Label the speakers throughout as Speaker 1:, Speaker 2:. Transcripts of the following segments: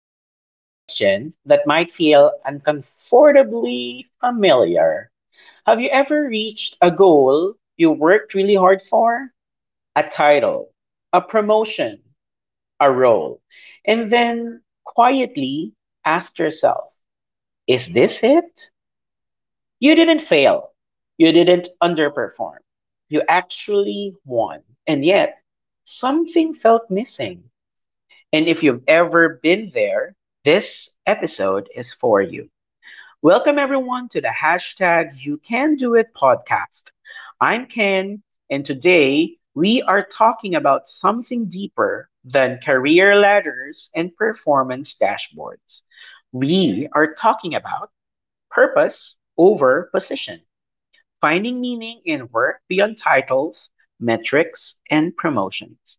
Speaker 1: open with a question that might feel uncomfortably familiar. Have you ever reached a goal you worked really hard for? A title, a promotion, a role, and then quietly asked yourself, is this it? You didn't fail. You didn't underperform. You actually won. And yet, something felt missing. And if you've ever been there, this episode is for you. Welcome everyone to the #YouCanDoIt podcast. I'm Ken, and today we are talking about something deeper than career ladders and performance dashboards. We are talking about purpose over position, finding meaning in work beyond titles, metrics, and promotions.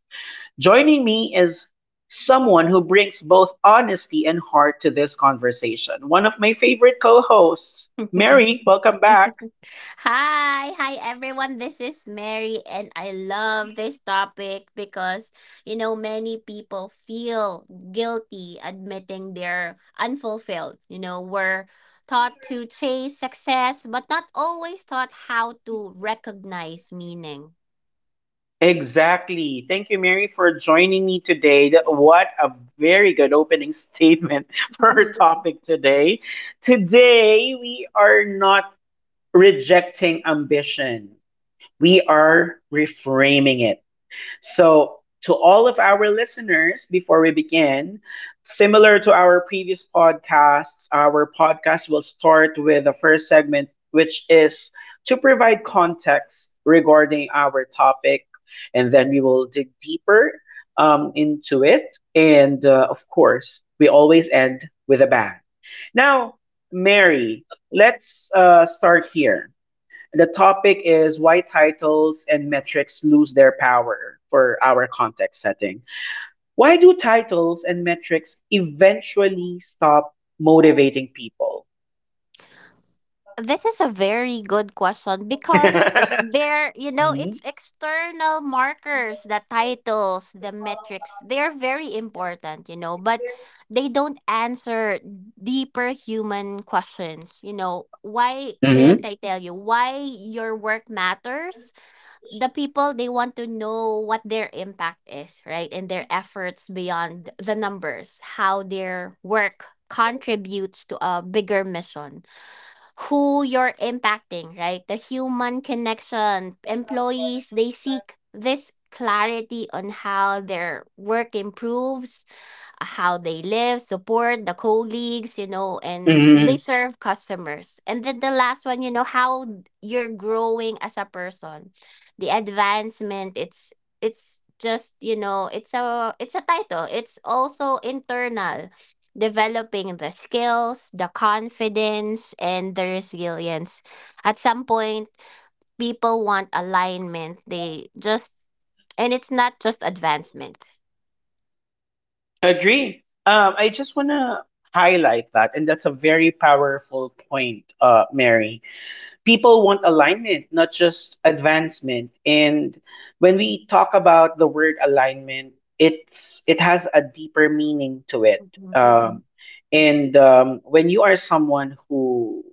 Speaker 1: Joining me is someone who brings both honesty and heart to this conversation. One of my favorite co hosts, Mary, welcome back.
Speaker 2: Hi, hi everyone. This is Mary, and I love this topic because many people feel guilty admitting they're unfulfilled. We're taught to chase success, but not always taught how to recognize meaning.
Speaker 1: Exactly. Thank you, Mary, for joining me today. What a very good opening statement for our topic today. Today, we are not rejecting ambition, we are reframing it. So, to all of our listeners, before we begin, similar to our previous podcasts, our podcast will start with the first segment, which is to provide context regarding our topic, and then we will dig deeper into it. And of course, we always end with a bang. Now, Mary, let's start here. The topic is why titles and metrics lose their power for our context setting. Why do titles and metrics eventually stop motivating people?
Speaker 2: This is a very good question
Speaker 1: Hmm.
Speaker 2: because it's external markers, the titles, the metrics, they're very important, but they don't answer deeper human questions. Why didn't
Speaker 1: Hmm.
Speaker 2: I tell you why your work matters? The people, they want to know what their impact is, right? And their efforts beyond the numbers, how their work contributes to a bigger mission, who you're impacting, right? The human connection. Employees, they seek this clarity on how their work improves how they live, support the colleagues, and they
Speaker 1: Hmm.
Speaker 2: serve customers. And then the last one, how you're growing as a person, the advancement. It's just, it's a title. It's also internal, developing the skills, the confidence, and the resilience. At some point, people want alignment. They just and it's not just advancement.
Speaker 1: Agree. I just want to highlight that, and that's a very powerful point, Mary. People want alignment, not just advancement. And when we talk about the word alignment, it has a deeper meaning to it.
Speaker 2: Mm-mm,
Speaker 1: Um,
Speaker 2: mm-mm,
Speaker 1: and when you are someone who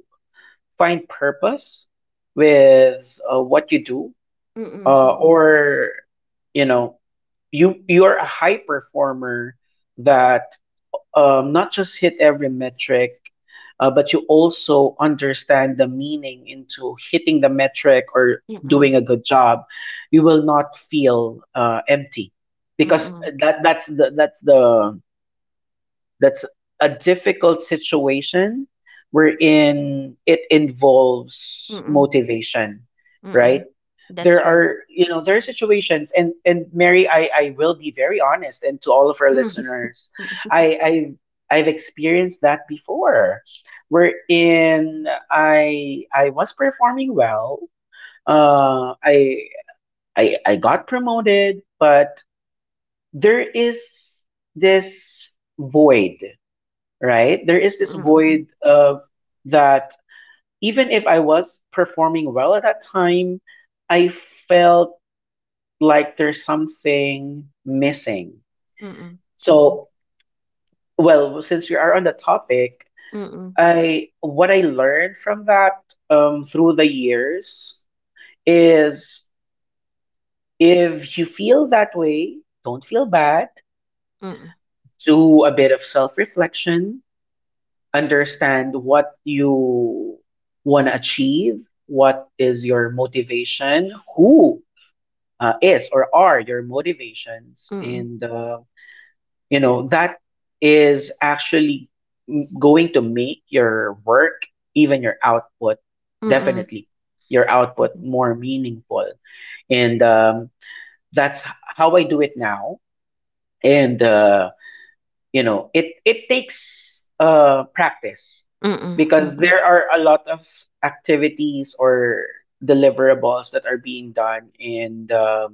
Speaker 1: find purpose with what you do,
Speaker 2: mm-mm, mm-mm.
Speaker 1: or you know, you are a high performer that not just hit every metric, but you also understand the meaning into hitting the metric or doing
Speaker 2: Mm,
Speaker 1: a good job, you will not feel empty, because
Speaker 2: mm,
Speaker 1: that's a difficult situation wherein it involves
Speaker 2: mm,
Speaker 1: motivation, right?
Speaker 2: mm. That's
Speaker 1: There
Speaker 2: true.
Speaker 1: are, you know, there are situations, and Mary, I will be very honest, and to all of our listeners, I I've experienced that before, wherein I was performing well. Uh, I I got promoted, but there is this void, right? There
Speaker 2: Mm,
Speaker 1: is this
Speaker 2: mm, mm, mm,
Speaker 1: void of that even if I was performing well at that time, I felt like there's something missing.
Speaker 2: mm, mm, mm,
Speaker 1: So, well, since we are on the topic,
Speaker 2: mm,
Speaker 1: I what I learned from that through the years is, if you feel that way, don't feel bad.
Speaker 2: mm, mm,
Speaker 1: Do a bit of self reflection, understand what you want to achieve, what is your motivation, who is or are your motivations,
Speaker 2: mm,
Speaker 1: and you know that is actually going to make your work, even your output, definitely your output more meaningful, and that's how I do it now, and. You know it takes practice,
Speaker 2: mm,
Speaker 1: because
Speaker 2: mm,
Speaker 1: there are a lot of activities or deliverables that are being done, and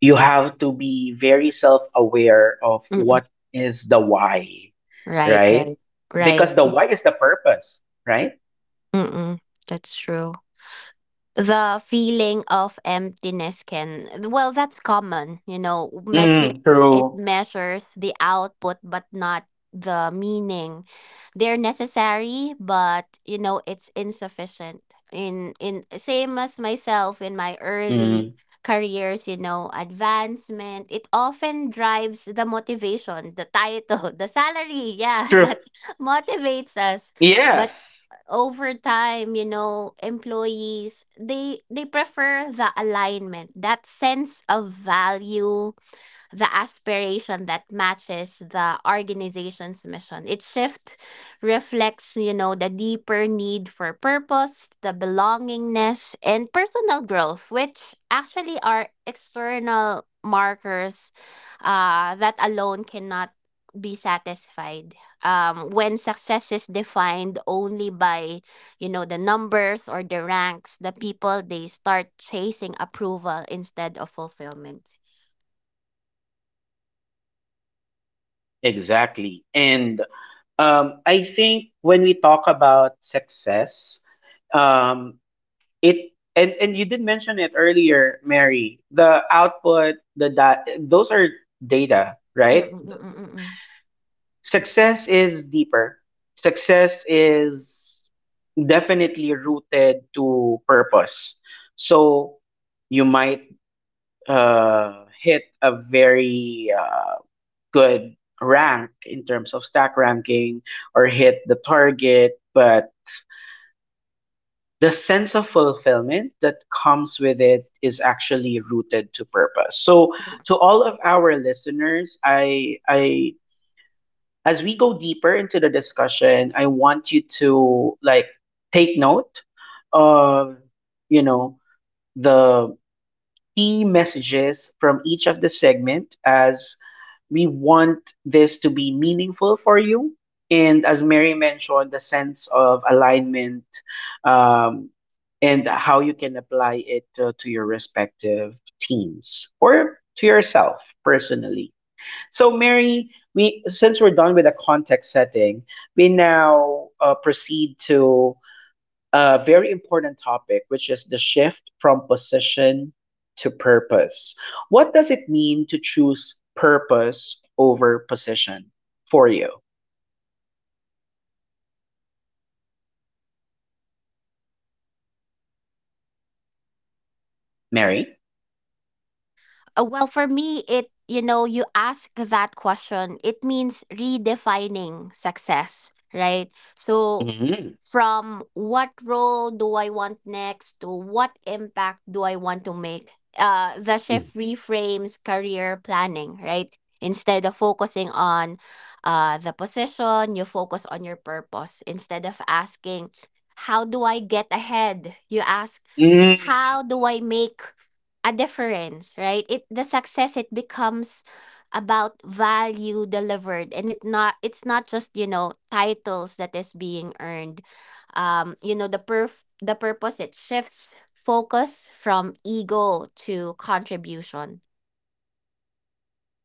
Speaker 1: you have to be very self-aware of
Speaker 2: mm.
Speaker 1: what is the why,
Speaker 2: Right,
Speaker 1: right?
Speaker 2: right, right.
Speaker 1: Because the why is the purpose, right?
Speaker 2: Mm, that's true. The feeling of emptiness can, well, that's common. You know,
Speaker 1: Mm,
Speaker 2: metrics, it
Speaker 1: true.
Speaker 2: measures the output, but not the meaning. They're necessary, but, it's insufficient. Same as myself in my early
Speaker 1: Mm,
Speaker 2: careers. Advancement, it often drives the motivation, the title, the salary. Yeah,
Speaker 1: true.
Speaker 2: that motivates us. But
Speaker 1: Yes.
Speaker 2: over time, employees, they prefer the alignment, that sense of value, the aspiration that matches the organization's mission. Its shift reflects, the deeper need for purpose, the belongingness, and personal growth, which actually are external markers that alone cannot be satisfied when success is defined only by, the numbers or the ranks. The people, they start chasing approval instead of fulfillment.
Speaker 1: Exactly. And I think when we talk about success, um, it and you did mention it earlier, Mary, the output, the dot, those are data, right?
Speaker 2: Mm-mm-mm-mm-mm.
Speaker 1: Success is deeper. Success is definitely rooted to purpose. So you might hit a very good rank in terms of stack ranking or hit the target, but the sense of fulfillment that comes with it is actually rooted to purpose. So to all of our listeners, I as we go deeper into the discussion, I want you to like take note of you know the key messages from each of the segment, as we want this to be meaningful for you. And as Mary mentioned, the sense of alignment, um, and how you can apply it to your respective teams or to yourself personally. So, Mary, we since we're done with the context setting, we now proceed to a very important topic, which is the shift from position to purpose. What does it mean to choose purpose over position for you, Mary?
Speaker 2: Well, for me, you ask that question, it means redefining success, right? So,
Speaker 1: Mm.
Speaker 2: from what role do I want next to what impact do I want to make? The shift reframes career planning, right? Instead of focusing on, the position, you focus on your purpose. Instead of asking, how do I get ahead? You ask,
Speaker 1: Mm.
Speaker 2: how do I make a difference, right? It the success, it becomes about value delivered, and it's not just, titles that is being earned. The purpose, it shifts focus from ego to contribution.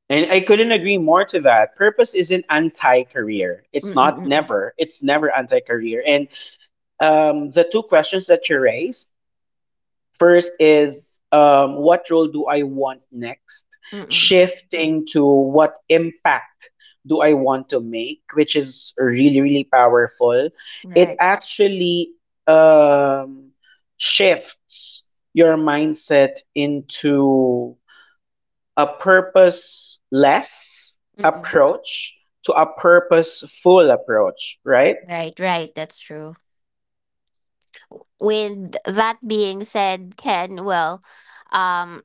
Speaker 1: And I couldn't agree more to that. Purpose isn't anti career. It's not
Speaker 2: Mm-mm-mm.
Speaker 1: never. It's never anti career. And the two questions that you raised. First is, what role do I want next?
Speaker 2: Mm-mm.
Speaker 1: Shifting to what impact do I want to make, which is really, really powerful. It
Speaker 2: Right.
Speaker 1: actually um, shifts your mindset into a purposeless
Speaker 2: Mm-mm.
Speaker 1: approach to a purposeful approach, right?
Speaker 2: Right, right, that's true. With that being said, Ken, well, um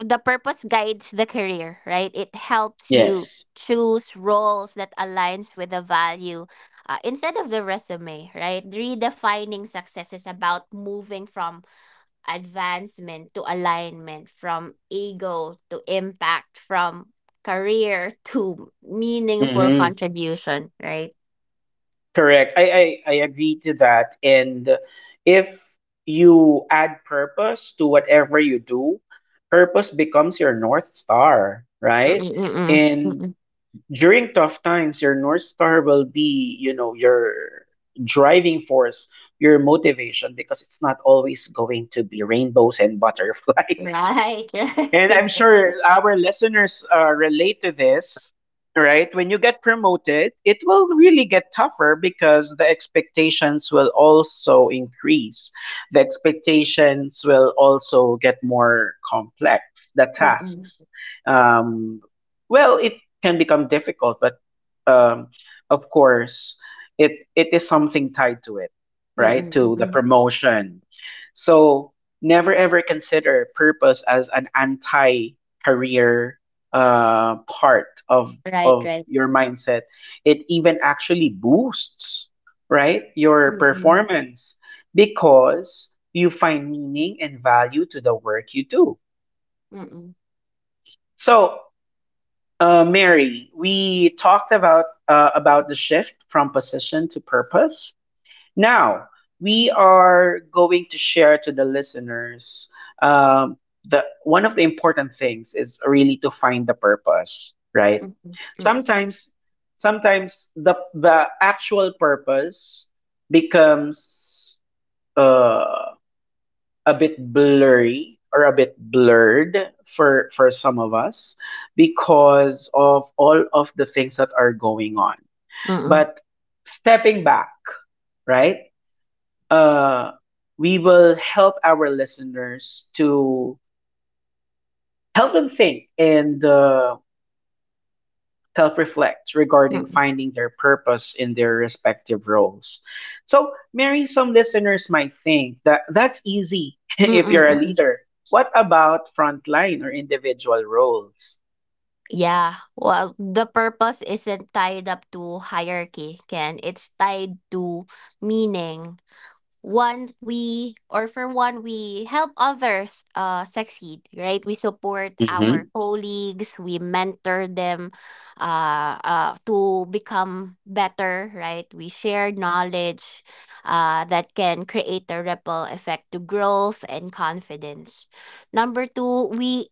Speaker 2: the purpose guides the career, right? It helps you
Speaker 1: Yes.
Speaker 2: choose roles that aligns with the value, instead of the resume, right? Redefining success is about moving from advancement to alignment, from ego to impact, from career to meaningful contribution, right?
Speaker 1: Correct. I agree to that. And if you add purpose to whatever you do, purpose becomes your North Star, right?
Speaker 2: Mm-mm-mm-mm.
Speaker 1: And
Speaker 2: Mm-mm.
Speaker 1: during tough times, your North Star will be, your driving force, your motivation, because it's not always going to be rainbows and butterflies.
Speaker 2: Right, right.
Speaker 1: And I'm
Speaker 2: That's
Speaker 1: sure
Speaker 2: right.
Speaker 1: our listeners relate to this, right? When you get promoted, it will really get tougher because the expectations will also increase. The expectations will also get more complex. The
Speaker 2: Mm-mm.
Speaker 1: tasks, um, well, it can become difficult, but um, of course, it is something tied to it, right? To the
Speaker 2: Mm-mm-mm-mm.
Speaker 1: promotion. So never ever consider purpose as an anti career part of
Speaker 2: Right,
Speaker 1: of
Speaker 2: right.
Speaker 1: your mindset. It even actually boosts, right, your
Speaker 2: Mm-mm.
Speaker 1: performance, because you find meaning and value to the work you do.
Speaker 2: Mm-mm.
Speaker 1: So Mary, we talked about the shift from position to purpose. Now, we are going to share to the listeners um, the one of the important things is really to find the purpose, right?
Speaker 2: Mm-mm. Mm-mm.
Speaker 1: Sometimes, sometimes, the actual purpose becomes uh, a bit blurry or a bit blurred for some of us because of all of the things that are going on.
Speaker 2: Mm,
Speaker 1: But stepping back, right? uh, we will help our listeners to help them think and self reflect regarding
Speaker 2: mm,
Speaker 1: finding their purpose in their respective roles. So, Mary, some listeners might think that that's easy if
Speaker 2: mm,
Speaker 1: you're a
Speaker 2: mm.
Speaker 1: leader. What about frontline or individual roles?
Speaker 2: Yeah, well, the purpose isn't tied up to hierarchy, Ken. It's tied to meaning. One, we, or for one, we help others succeed, right? We support
Speaker 1: Mm-hmm.
Speaker 2: our colleagues, we mentor them, to become better, right? We share knowledge, that can create a ripple effect to growth and confidence. Number two, we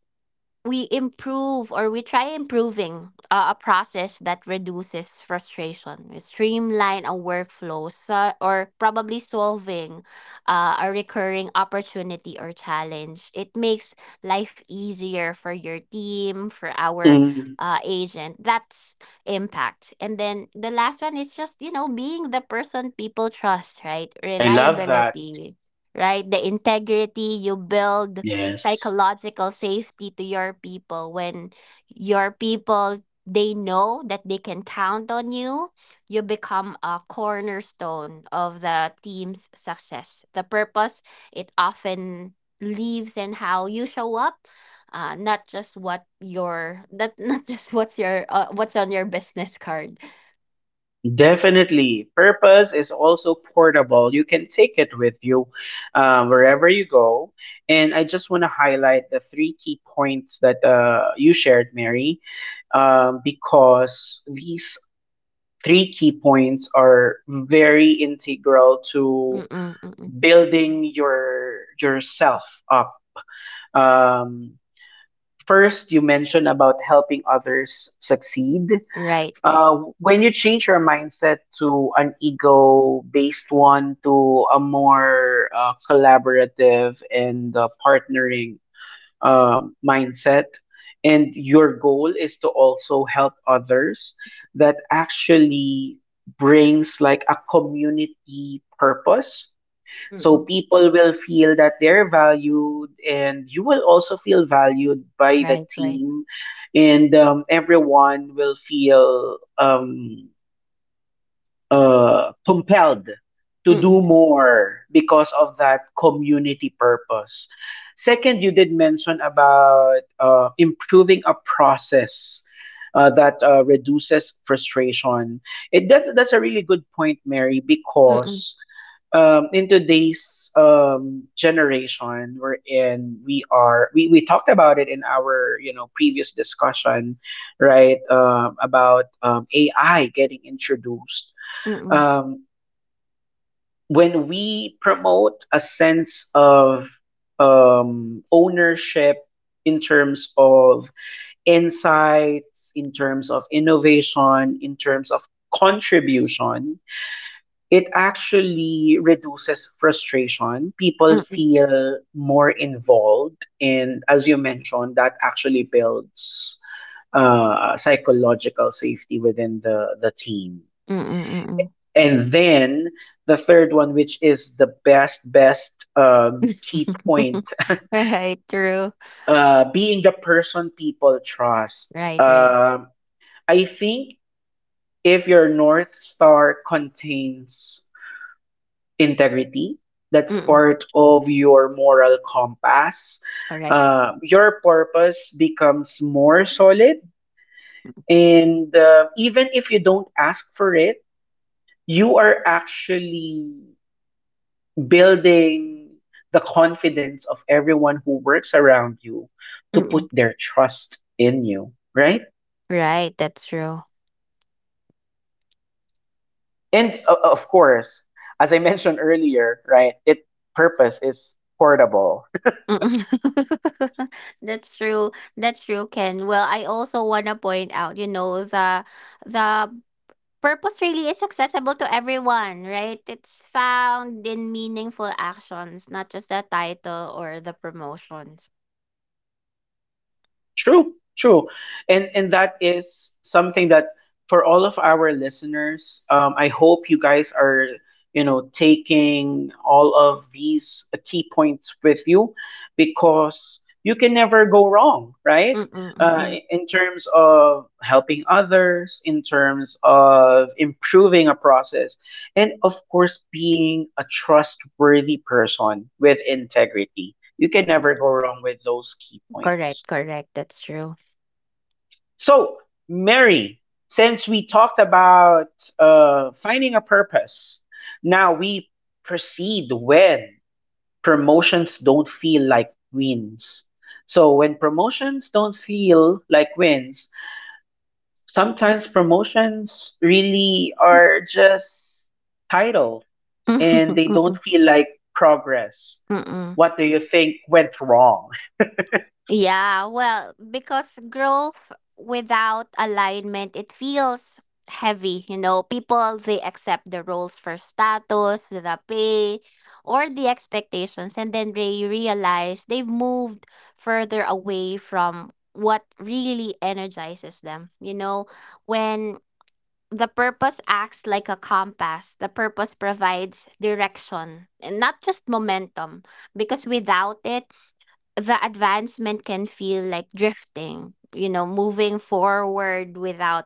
Speaker 2: we improve, or we try improving, a process that reduces frustration. We streamline a workflow, so, or probably solving a recurring opportunity or challenge. It makes life easier for your team, for our
Speaker 1: Mm,
Speaker 2: agent. That's impact. And then the last one is just, being the person people trust, right?
Speaker 1: I love that.
Speaker 2: Reliability, right? The integrity, you build
Speaker 1: Yes.
Speaker 2: psychological safety to your people. When your people, they know that they can count on you, you become a cornerstone of the team's success. The purpose, it often lives in how you show up, not just what your, not not just what's on your business card.
Speaker 1: Definitely. Purpose is also portable. You can take it with you wherever you go. And I just want to highlight the three key points that you shared, Mary, because these three key points are very integral to
Speaker 2: Mm-mm, mm-mm.
Speaker 1: building yourself up. Um, first, you mentioned about helping others succeed.
Speaker 2: Right, right.
Speaker 1: When you change your mindset to an ego-based one to a more collaborative and partnering mindset, and your goal is to also help others, that actually brings like a community purpose, so
Speaker 2: Mm-mm.
Speaker 1: people will feel that they're valued, and you will also feel valued by the
Speaker 2: Right, right.
Speaker 1: team, and everyone will feel compelled to
Speaker 2: Mm-mm,
Speaker 1: do more because of that community purpose. Second, you did mention about improving a process that reduces frustration. That's a really good point, Mary,
Speaker 2: mm-mm,
Speaker 1: because in today's generation we're in, we talked about it in our previous discussion, right? About AI getting introduced.
Speaker 2: mm-mm,
Speaker 1: um, when we promote a sense of ownership in terms of insights, in terms of innovation, in terms of contribution, it actually reduces frustration. People
Speaker 2: mm-mm,
Speaker 1: feel more involved. And as you mentioned, that actually builds psychological safety within the team.
Speaker 2: mm-mm,
Speaker 1: And then the third one, which is the best key
Speaker 2: mm-mm.
Speaker 1: point,
Speaker 2: Right, true.
Speaker 1: being the person people trust.
Speaker 2: Right, right.
Speaker 1: Um I think, if your North Star contains integrity, that's
Speaker 2: Mm,
Speaker 1: part of your moral compass.
Speaker 2: correct.
Speaker 1: Your purpose becomes more solid, and even if you don't ask for it, you are actually building the confidence of everyone who works around you to put
Speaker 2: Mm-mm.
Speaker 1: their trust in you, right?
Speaker 2: Right, that's true.
Speaker 1: And of course, as I mentioned earlier, right, it purpose is portable.
Speaker 2: Mm-mm. That's true. That's true, Ken. Well, I also wanna point out, the purpose really is accessible to everyone, right? It's found in meaningful actions, not just the title or the promotions.
Speaker 1: True, true. And that is something that, for all of our listeners, I hope you guys are, taking all of these key points with you, because you can never go wrong, right?
Speaker 2: Mm, mm, mm,
Speaker 1: Uh,
Speaker 2: mm,
Speaker 1: in terms of helping others, in terms of improving a process, and of course, being a trustworthy person with integrity. You can never
Speaker 2: mm.
Speaker 1: go wrong with those key points.
Speaker 2: Correct, correct, that's true.
Speaker 1: So, Mary, since we talked about finding a purpose, now we proceed when promotions don't feel like wins. So, when promotions don't feel like wins, sometimes promotions really are just title and they don't feel like progress.
Speaker 2: Mm, mm.
Speaker 1: What do you think went wrong?
Speaker 2: Yeah, well, because growth without alignment, it feels heavy. People, they accept the roles for status, the pay, or the expectations, and then they realize they've moved further away from what really energizes them. When the purpose acts like a compass, the purpose provides direction and not just momentum because without it, the advancement can feel like drifting, moving forward without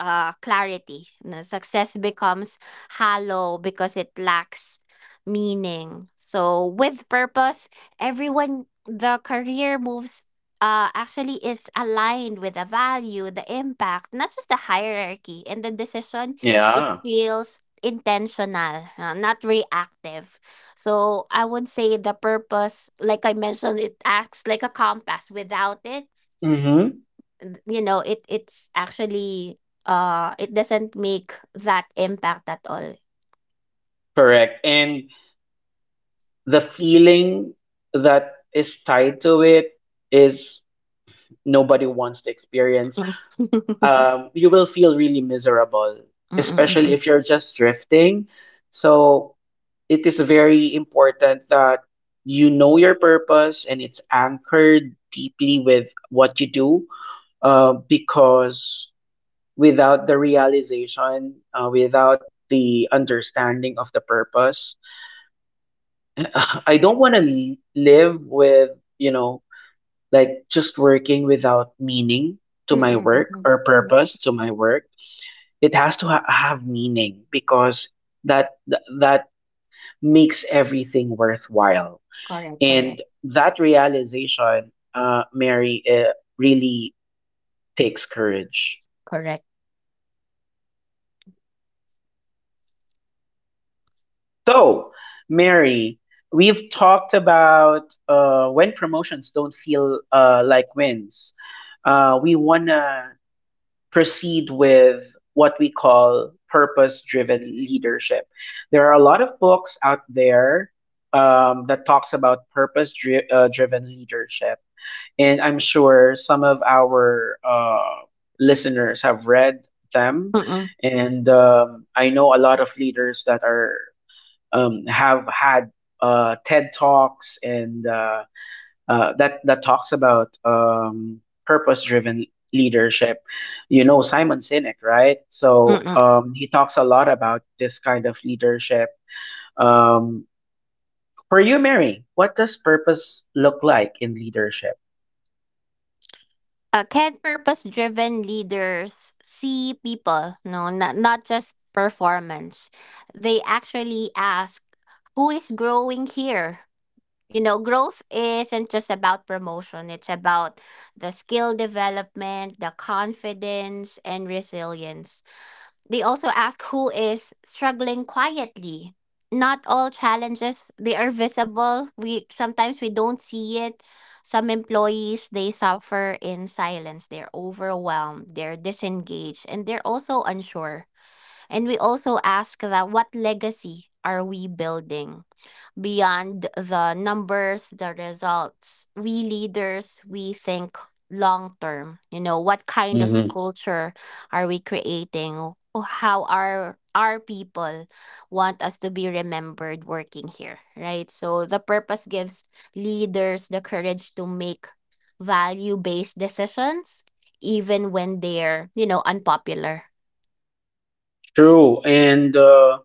Speaker 2: clarity. No, success becomes hollow because it lacks meaning. So with purpose, everyone the career moves, actually, it's aligned with the value, the impact, not just the hierarchy and the decision. It
Speaker 1: Yeah.
Speaker 2: feels intentional, not reactive. So I would say the purpose, like I mentioned, it acts like a compass. Without it,
Speaker 1: Mm-hmm.
Speaker 2: it's actually, it doesn't make that impact at all.
Speaker 1: Correct. And the feeling that is tied to it is nobody wants to experience.
Speaker 2: Mm.
Speaker 1: You will feel really miserable, especially
Speaker 2: Mm-mm-mm.
Speaker 1: if you're just drifting. So it is very important that you know your purpose and it's anchored deeply with what you do, because without the realization, without the understanding of the purpose, I don't want to live with, you know, like just working without meaning to my work
Speaker 2: Mm-mm-mm.
Speaker 1: or purpose to my work. It has to have meaning because that makes everything worthwhile.
Speaker 2: Correct, correct,
Speaker 1: And that realization, Mary, really takes courage.
Speaker 2: correct.
Speaker 1: So, Mary, we've talked about when promotions don't feel like wins, we wanna proceed with what we call purpose driven leadership. There are a lot of books out there, that talks about driven leadership, and I'm sure some of our listeners have read them.
Speaker 2: Mm-mm.
Speaker 1: And I know a lot of leaders that are have had TED talks and that talks about purpose-driven leadership. You know Simon Sinek, right? So
Speaker 2: Mm-mm.
Speaker 1: he talks a lot about this kind of leadership. Um, for you, Mary, what does purpose look like in leadership?
Speaker 2: Can purpose driven leaders see people? No, not just performance. They actually ask, who is growing here? Growth isn't just about promotion. It's about the skill development, the confidence and resilience. They also ask, who is struggling quietly? Not all challenges, they are visible. We don't see it. Some employees, they suffer in silence. They're overwhelmed, they're disengaged, and they're also unsure. And we also ask that, what legacy are we building? Beyond the numbers, the results, we leaders, we think long term. What kind of
Speaker 1: Mhm.
Speaker 2: culture are we creating? How are our people want us to be remembered working here, right? So the purpose gives leaders the courage to make value based decisions, even when they're, unpopular.
Speaker 1: True, and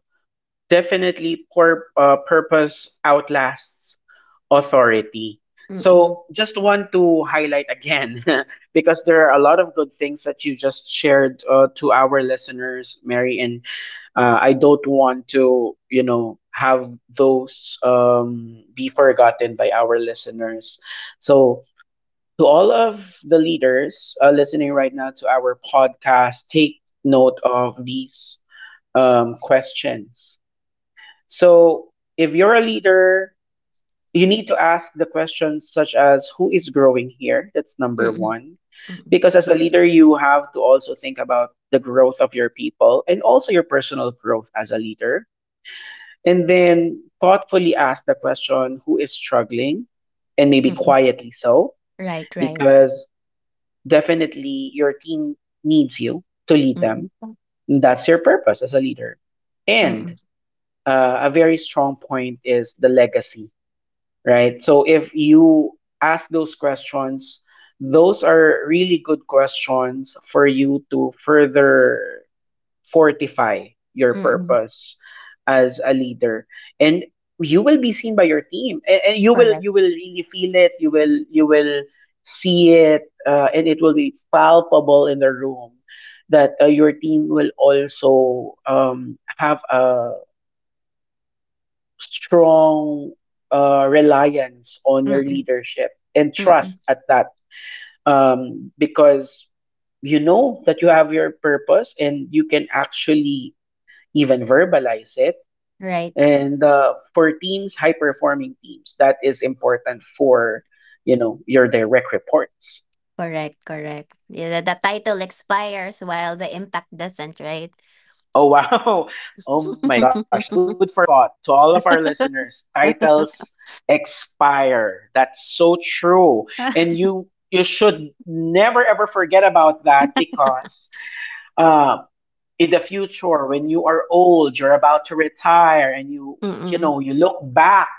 Speaker 1: definitely, poor purpose outlasts authority.
Speaker 2: Mm-mm.
Speaker 1: So just want to highlight again because there are a lot of good things that you just shared to our listeners, Mary, and I don't want to, you know, have those be forgotten by our listeners. So to all of the leaders listening right now to our podcast, take note of these questions. So if you're a leader, you need to ask the questions such as who is growing here? That's number
Speaker 2: Mm-mm.
Speaker 1: one.
Speaker 2: Mm-mm.
Speaker 1: Because as a leader, you have to also think about the growth of your people and also your personal growth as a leader. And then thoughtfully ask the question who is struggling and maybe
Speaker 2: Mm-mm.
Speaker 1: quietly so,
Speaker 2: Right, right.
Speaker 1: because definitely your team needs you to lead them.
Speaker 2: Mm-mm.
Speaker 1: That's your purpose as a leader. And
Speaker 2: Mm-mm.
Speaker 1: a very strong point is the legacy, right? So if you ask those questions, those are really good questions for you to further fortify your
Speaker 2: Mm-mm.
Speaker 1: purpose as a leader. And you will be seen by your team, and you will,
Speaker 2: Correct.
Speaker 1: you will really feel it, you will, you will see it, and it will be palpable in the room, that your team will also have a strong reliance on your
Speaker 2: Mm,
Speaker 1: leadership and
Speaker 2: mm.
Speaker 1: trust at that, because you know that you have your purpose and you can actually even verbalize it.
Speaker 2: Right.
Speaker 1: And for teams, high performing teams, that is important for, you know, your direct reports.
Speaker 2: Correct, correct. Yeah, the title expires while the impact doesn't, right?
Speaker 1: Oh wow. Oh my gosh. That's a food for thought to all of our listeners. Titles expire. That's so true. And you should never ever forget about that because, uh in the future when you are old, you're about to retire and you
Speaker 2: Mm-mm.
Speaker 1: know you look back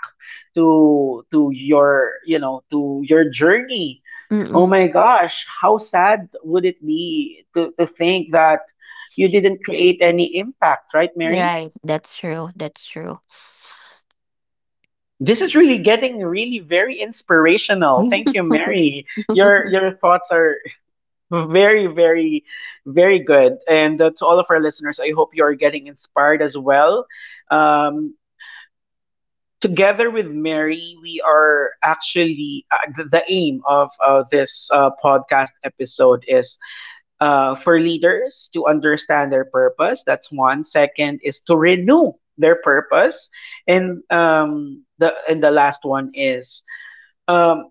Speaker 1: to your you know to your journey. Oh
Speaker 2: Mm-mm.
Speaker 1: my gosh, how sad would it be to think that you didn't create any impact, right, Mary?
Speaker 2: Right. That's true. That's true.
Speaker 1: This is really getting really very inspirational. Thank you, Mary. Your thoughts are very, very, very good. And to all of our listeners, I hope you are getting inspired as well. um, Together with Mary, we are actually, the aim of this podcast episode is for leaders to understand their purpose. That's one. Second is to renew their purpose, and the last one is. Um,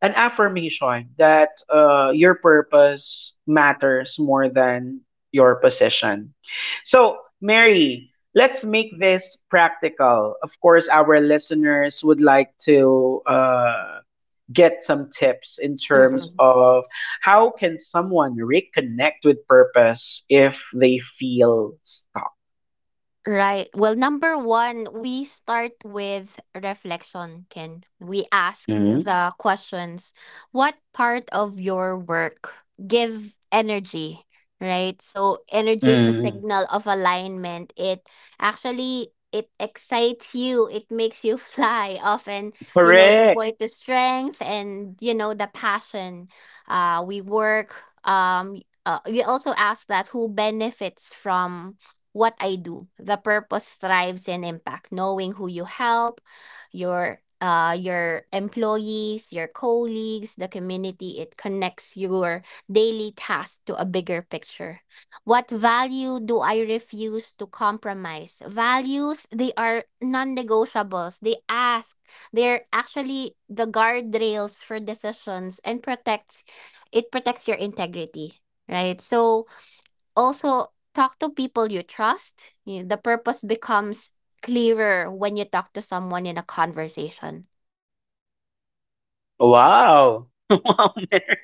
Speaker 1: an affirmation that your purpose matters more than your position. So, Mary, let's make this practical. Of course, our listeners would like to get some tips in terms
Speaker 2: Mm-mm.
Speaker 1: of how can someone reconnect with purpose if they feel stuck.
Speaker 2: Right. Well, number one, we start with reflection, Ken. We ask
Speaker 1: Mm-hmm.
Speaker 2: the questions, what part of your work give energy, right? So energy is a signal of alignment. It excites you, it makes you fly often, the
Speaker 1: Correct.
Speaker 2: point, the strength, and, the passion. Uh we work um we also ask that, who benefits from what I do. The purpose thrives in impact. Knowing who you help, your employees, your colleagues, the community, it connects your daily task to a bigger picture. What value do I refuse to compromise? Values, they are non-negotiables. They're actually the guardrails for decisions and protects your integrity, right? So also, talk to people you trust. The purpose becomes clearer when you talk to someone in a conversation.
Speaker 1: Wow. Wow, Mary.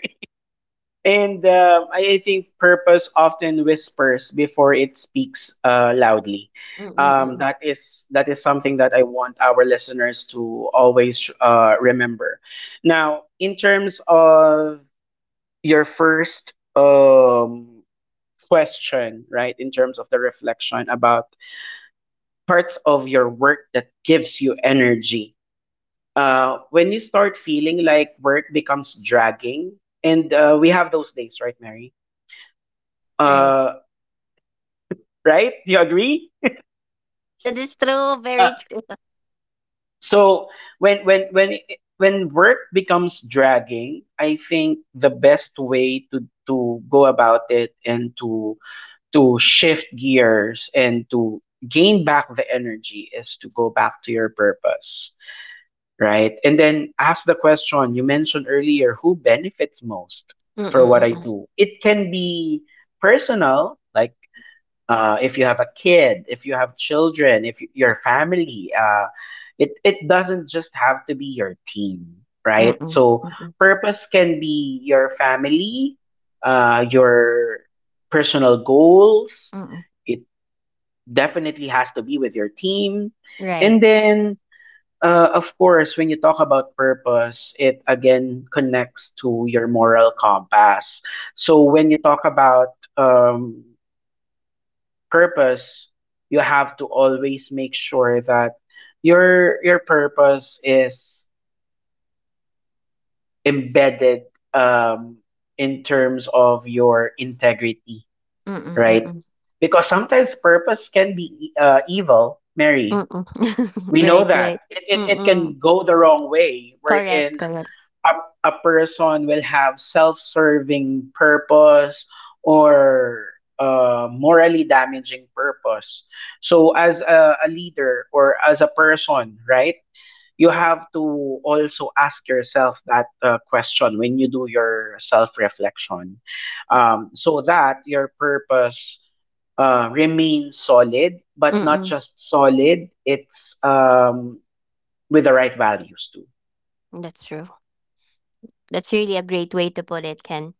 Speaker 1: And um, I think purpose often whispers before it speaks loudly.
Speaker 2: Mm-mm-mm.
Speaker 1: That is something that I want our listeners to always remember. Now, in terms of your first question, right? In terms of the reflection about parts of your work that gives you energy. When you start feeling like work becomes dragging, and we have those days, right, Mary?
Speaker 2: Right.
Speaker 1: Uh, right? Do you agree?
Speaker 2: That is true.
Speaker 1: Uh,
Speaker 2: Very true.
Speaker 1: so when when when when work becomes dragging, I think the best way to, go about it and to, shift gears and to gain back the energy is to go back to your purpose, right? And then ask the question you mentioned earlier, who benefits most for what I
Speaker 2: Mm-mm-mm.
Speaker 1: do? It can be personal, like, if you have a kid, if you have children, if your family, it doesn't just have to be your team, right?
Speaker 2: Mm-mm.
Speaker 1: So
Speaker 2: Mm-mm.
Speaker 1: purpose can be your family, your personal goals.
Speaker 2: Mm-mm.
Speaker 1: It definitely has to be with your team,
Speaker 2: Right.
Speaker 1: and then. Of course, when you talk about purpose, it again connects to your moral compass. So when you talk about purpose, you have to always make sure that your purpose is embedded, um, in terms of your integrity,
Speaker 2: Mm-mm.
Speaker 1: right?
Speaker 2: Mm-mm.
Speaker 1: Because sometimes purpose can be evil, Mary.
Speaker 2: Mm,
Speaker 1: We know
Speaker 2: right, right.
Speaker 1: that it
Speaker 2: Mm-mm.
Speaker 1: can go the wrong way. We're
Speaker 2: Correct,
Speaker 1: in
Speaker 2: correct.
Speaker 1: a, a person will have self-serving purpose or morally damaging purpose. So as a leader or as a person, right? You have to also ask yourself that question when you do your self-reflection, so that your purpose remains solid, but not
Speaker 2: Mm-mm.
Speaker 1: just solid. It's with the right values too.
Speaker 2: That's true. That's really a great way to put it, Ken.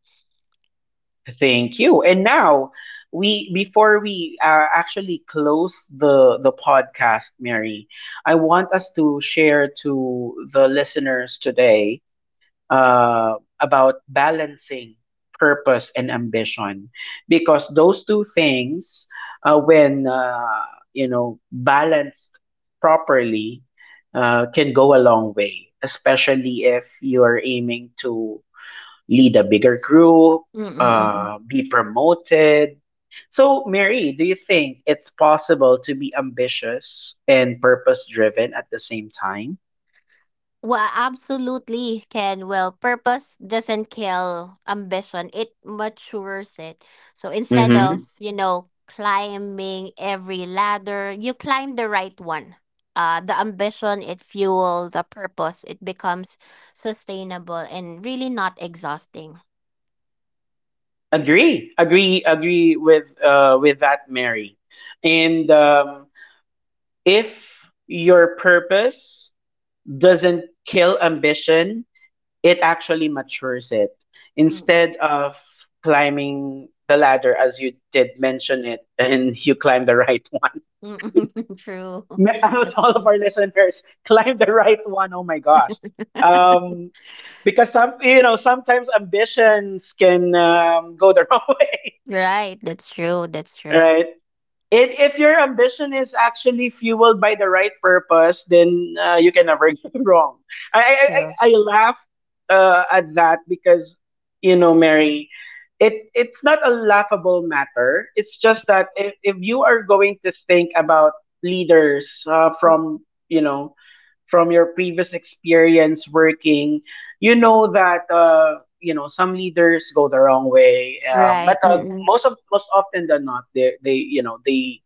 Speaker 1: Thank you. And now, we before we actually close the podcast, Mary, I want us to share to the listeners today about balancing purpose and ambition, because those two things, when, you know, balanced properly, can go a long way, especially if you're aiming to lead a bigger group,
Speaker 2: Mm-mm.
Speaker 1: be promoted. So, Mary, do you think it's possible to be ambitious and purpose driven at the same time?
Speaker 2: Well, absolutely can. Well, purpose doesn't kill ambition, it matures it. So instead
Speaker 1: Mm-hmm.
Speaker 2: of, climbing every ladder, you climb the right one. The ambition, it fuels the purpose, it becomes sustainable and really not exhausting.
Speaker 1: Agree, agree, agree with, with that, Mary. And if your purpose doesn't kill ambition, it actually matures it.
Speaker 2: Mm-mm.
Speaker 1: Instead of climbing the ladder, as you did mention it, and you climb the right
Speaker 2: Mm-mm. True.
Speaker 1: out
Speaker 2: That's
Speaker 1: all of
Speaker 2: true.
Speaker 1: our listeners climb the right one. Oh my gosh. Um, because some, you know, sometimes ambitions can go the wrong way,
Speaker 2: Right. That's true. That's true.
Speaker 1: right? And if your ambition is actually fueled by the right purpose, then you can never go wrong. I I,
Speaker 2: True.
Speaker 1: I I laughed at that because, you know, Mary, it, it's not a laughable matter. It's just that if you are going to think about leaders, from, you know, from your previous experience working, you know that, you know, some leaders go the wrong way,
Speaker 2: Right.
Speaker 1: but
Speaker 2: Mm-mm.
Speaker 1: most often than not, they you know they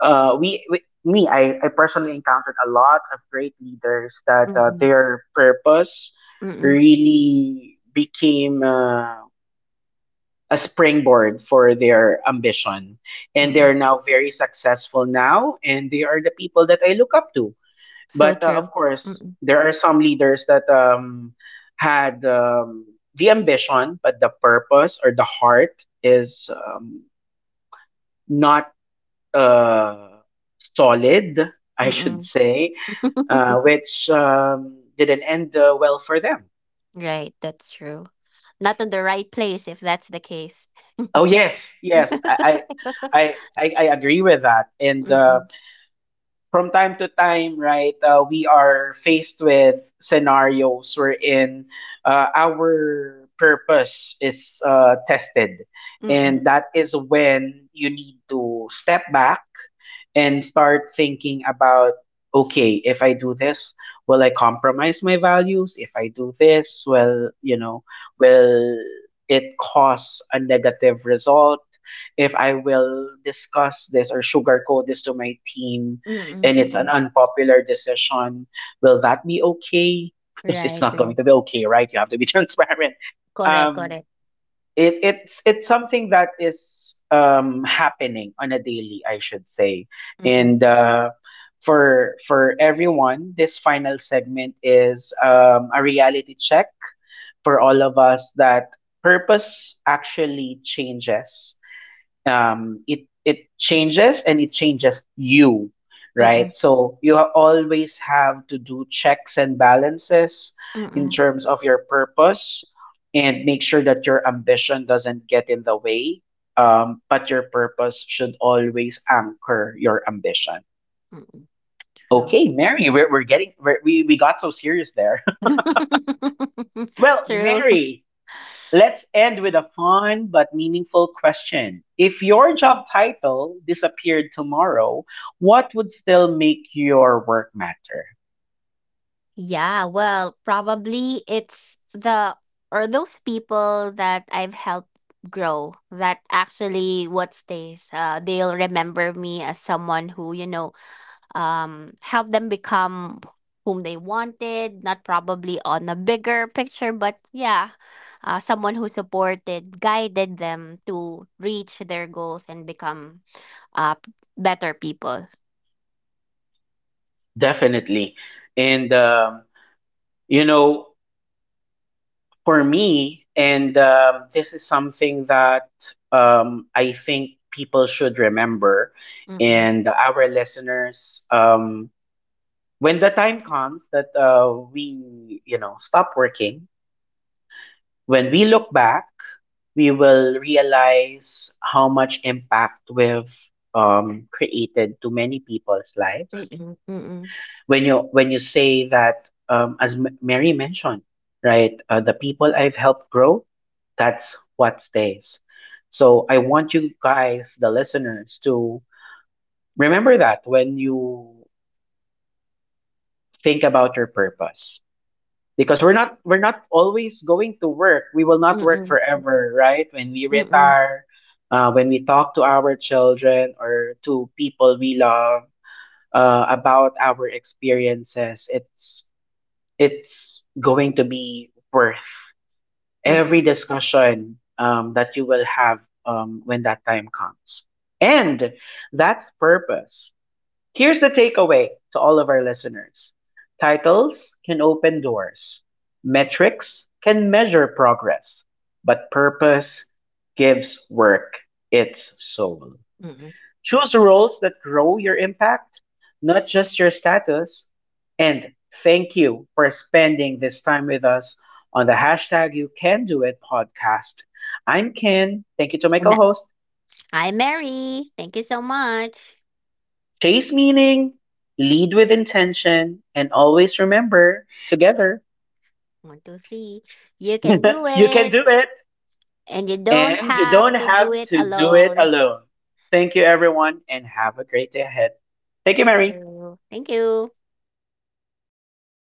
Speaker 1: we me I personally encountered a lot of great leaders that
Speaker 2: Mm-mm.
Speaker 1: their purpose
Speaker 2: Mm-mm.
Speaker 1: really became a springboard for their ambition, and
Speaker 2: Mm-mm.
Speaker 1: they're now very successful now, and they are the people that I look up to.
Speaker 2: So
Speaker 1: But of
Speaker 2: true.
Speaker 1: course,
Speaker 2: Mm-mm.
Speaker 1: there are some leaders that had the ambition, but the purpose or the heart is not, uh, solid, I should
Speaker 2: Mm-mm.
Speaker 1: say, which didn't end well for them.
Speaker 2: Right, that's true. Not on the right place if that's the case.
Speaker 1: Oh yes, yes, I,
Speaker 2: Mm-mm.
Speaker 1: I, I, I I agree with that, and. From time to time, right, we are faced with scenarios wherein our purpose is tested.
Speaker 2: Mm-mm. Mm-mm.
Speaker 1: And that is when you need to step back and start thinking about okay, if I do this, will I compromise my values? If I do this, well, you know, will it cause a negative result? If I will discuss this or sugarcoat this to my team, and it's an
Speaker 2: Mm-mm.
Speaker 1: unpopular decision, will that be okay? Because it's
Speaker 2: Right,
Speaker 1: not going
Speaker 2: right.
Speaker 1: to be okay, right? You have to be transparent.
Speaker 2: Correct,
Speaker 1: Um,
Speaker 2: correct.
Speaker 1: it, it's something that is happening on a daily, I should say,
Speaker 2: Mm-mm.
Speaker 1: and for everyone, this final segment is a reality check for all of us that purpose actually changes, it changes and it changes you, right?
Speaker 2: Mm-mm.
Speaker 1: So you always have to do checks and balances in
Speaker 2: Mm-mm.
Speaker 1: terms of your purpose and make sure that your ambition doesn't get in the way. But your purpose should always anchor your ambition.
Speaker 2: Mm-mm. True.
Speaker 1: Okay, Mary, we're getting we're, we got so serious there. Well,
Speaker 2: True.
Speaker 1: Mary, let's end with a fun but meaningful question. If your job title disappeared tomorrow, what would still make your work matter?
Speaker 2: Yeah, well, probably it's the or those people that I've helped grow, that actually what stays. They'll remember me as someone who, help them become whom they wanted, not probably on a bigger picture, but yeah, someone who supported, guided them to reach their goals and become uh, p- better people.
Speaker 1: Definitely. And, you know, for me, and this is something that I think people should remember,
Speaker 2: Mm-mm,
Speaker 1: and our listeners, when the time comes that we, you know, stop working, when we look back, we will realize how much impact we've created to many people's lives.
Speaker 2: mm-mm, mm-mm,
Speaker 1: When you say that, as Mary mentioned, right, the people I've helped grow, that's what stays. So I want you guys, the listeners, to remember that when you think about your purpose. Because we're not always going to work, we will not work
Speaker 2: mm-mm,
Speaker 1: forever, right? When we
Speaker 2: mm-mm,
Speaker 1: retire, when we talk to our children or to people we love, about our experiences, it's going to be worth
Speaker 2: mm-mm,
Speaker 1: every discussion, that you will have, when that time comes. And that's purpose. Here's the takeaway to all of our listeners: titles can open doors, metrics can measure progress, but purpose gives work its soul.
Speaker 2: mm-mm.
Speaker 1: Choose roles that grow your impact, not just your status. And thank you for spending this time with us on the hashtag You Can Do It podcast. I'm Ken. Thank you to my
Speaker 2: And
Speaker 1: co
Speaker 2: that-
Speaker 1: host.
Speaker 2: Hi, Mary. Thank you so much.
Speaker 1: Chase meaning, lead with intention, and always remember together
Speaker 2: One, two, three. You can do
Speaker 1: you can
Speaker 2: it,
Speaker 1: do it
Speaker 2: and you don't
Speaker 1: and you
Speaker 2: have
Speaker 1: don't
Speaker 2: to do
Speaker 1: have
Speaker 2: it
Speaker 1: to do it
Speaker 2: alone.
Speaker 1: alone. Thank you, everyone, and have a great day ahead. Thank you,
Speaker 2: Thank
Speaker 1: Mary.
Speaker 2: you. Thank you.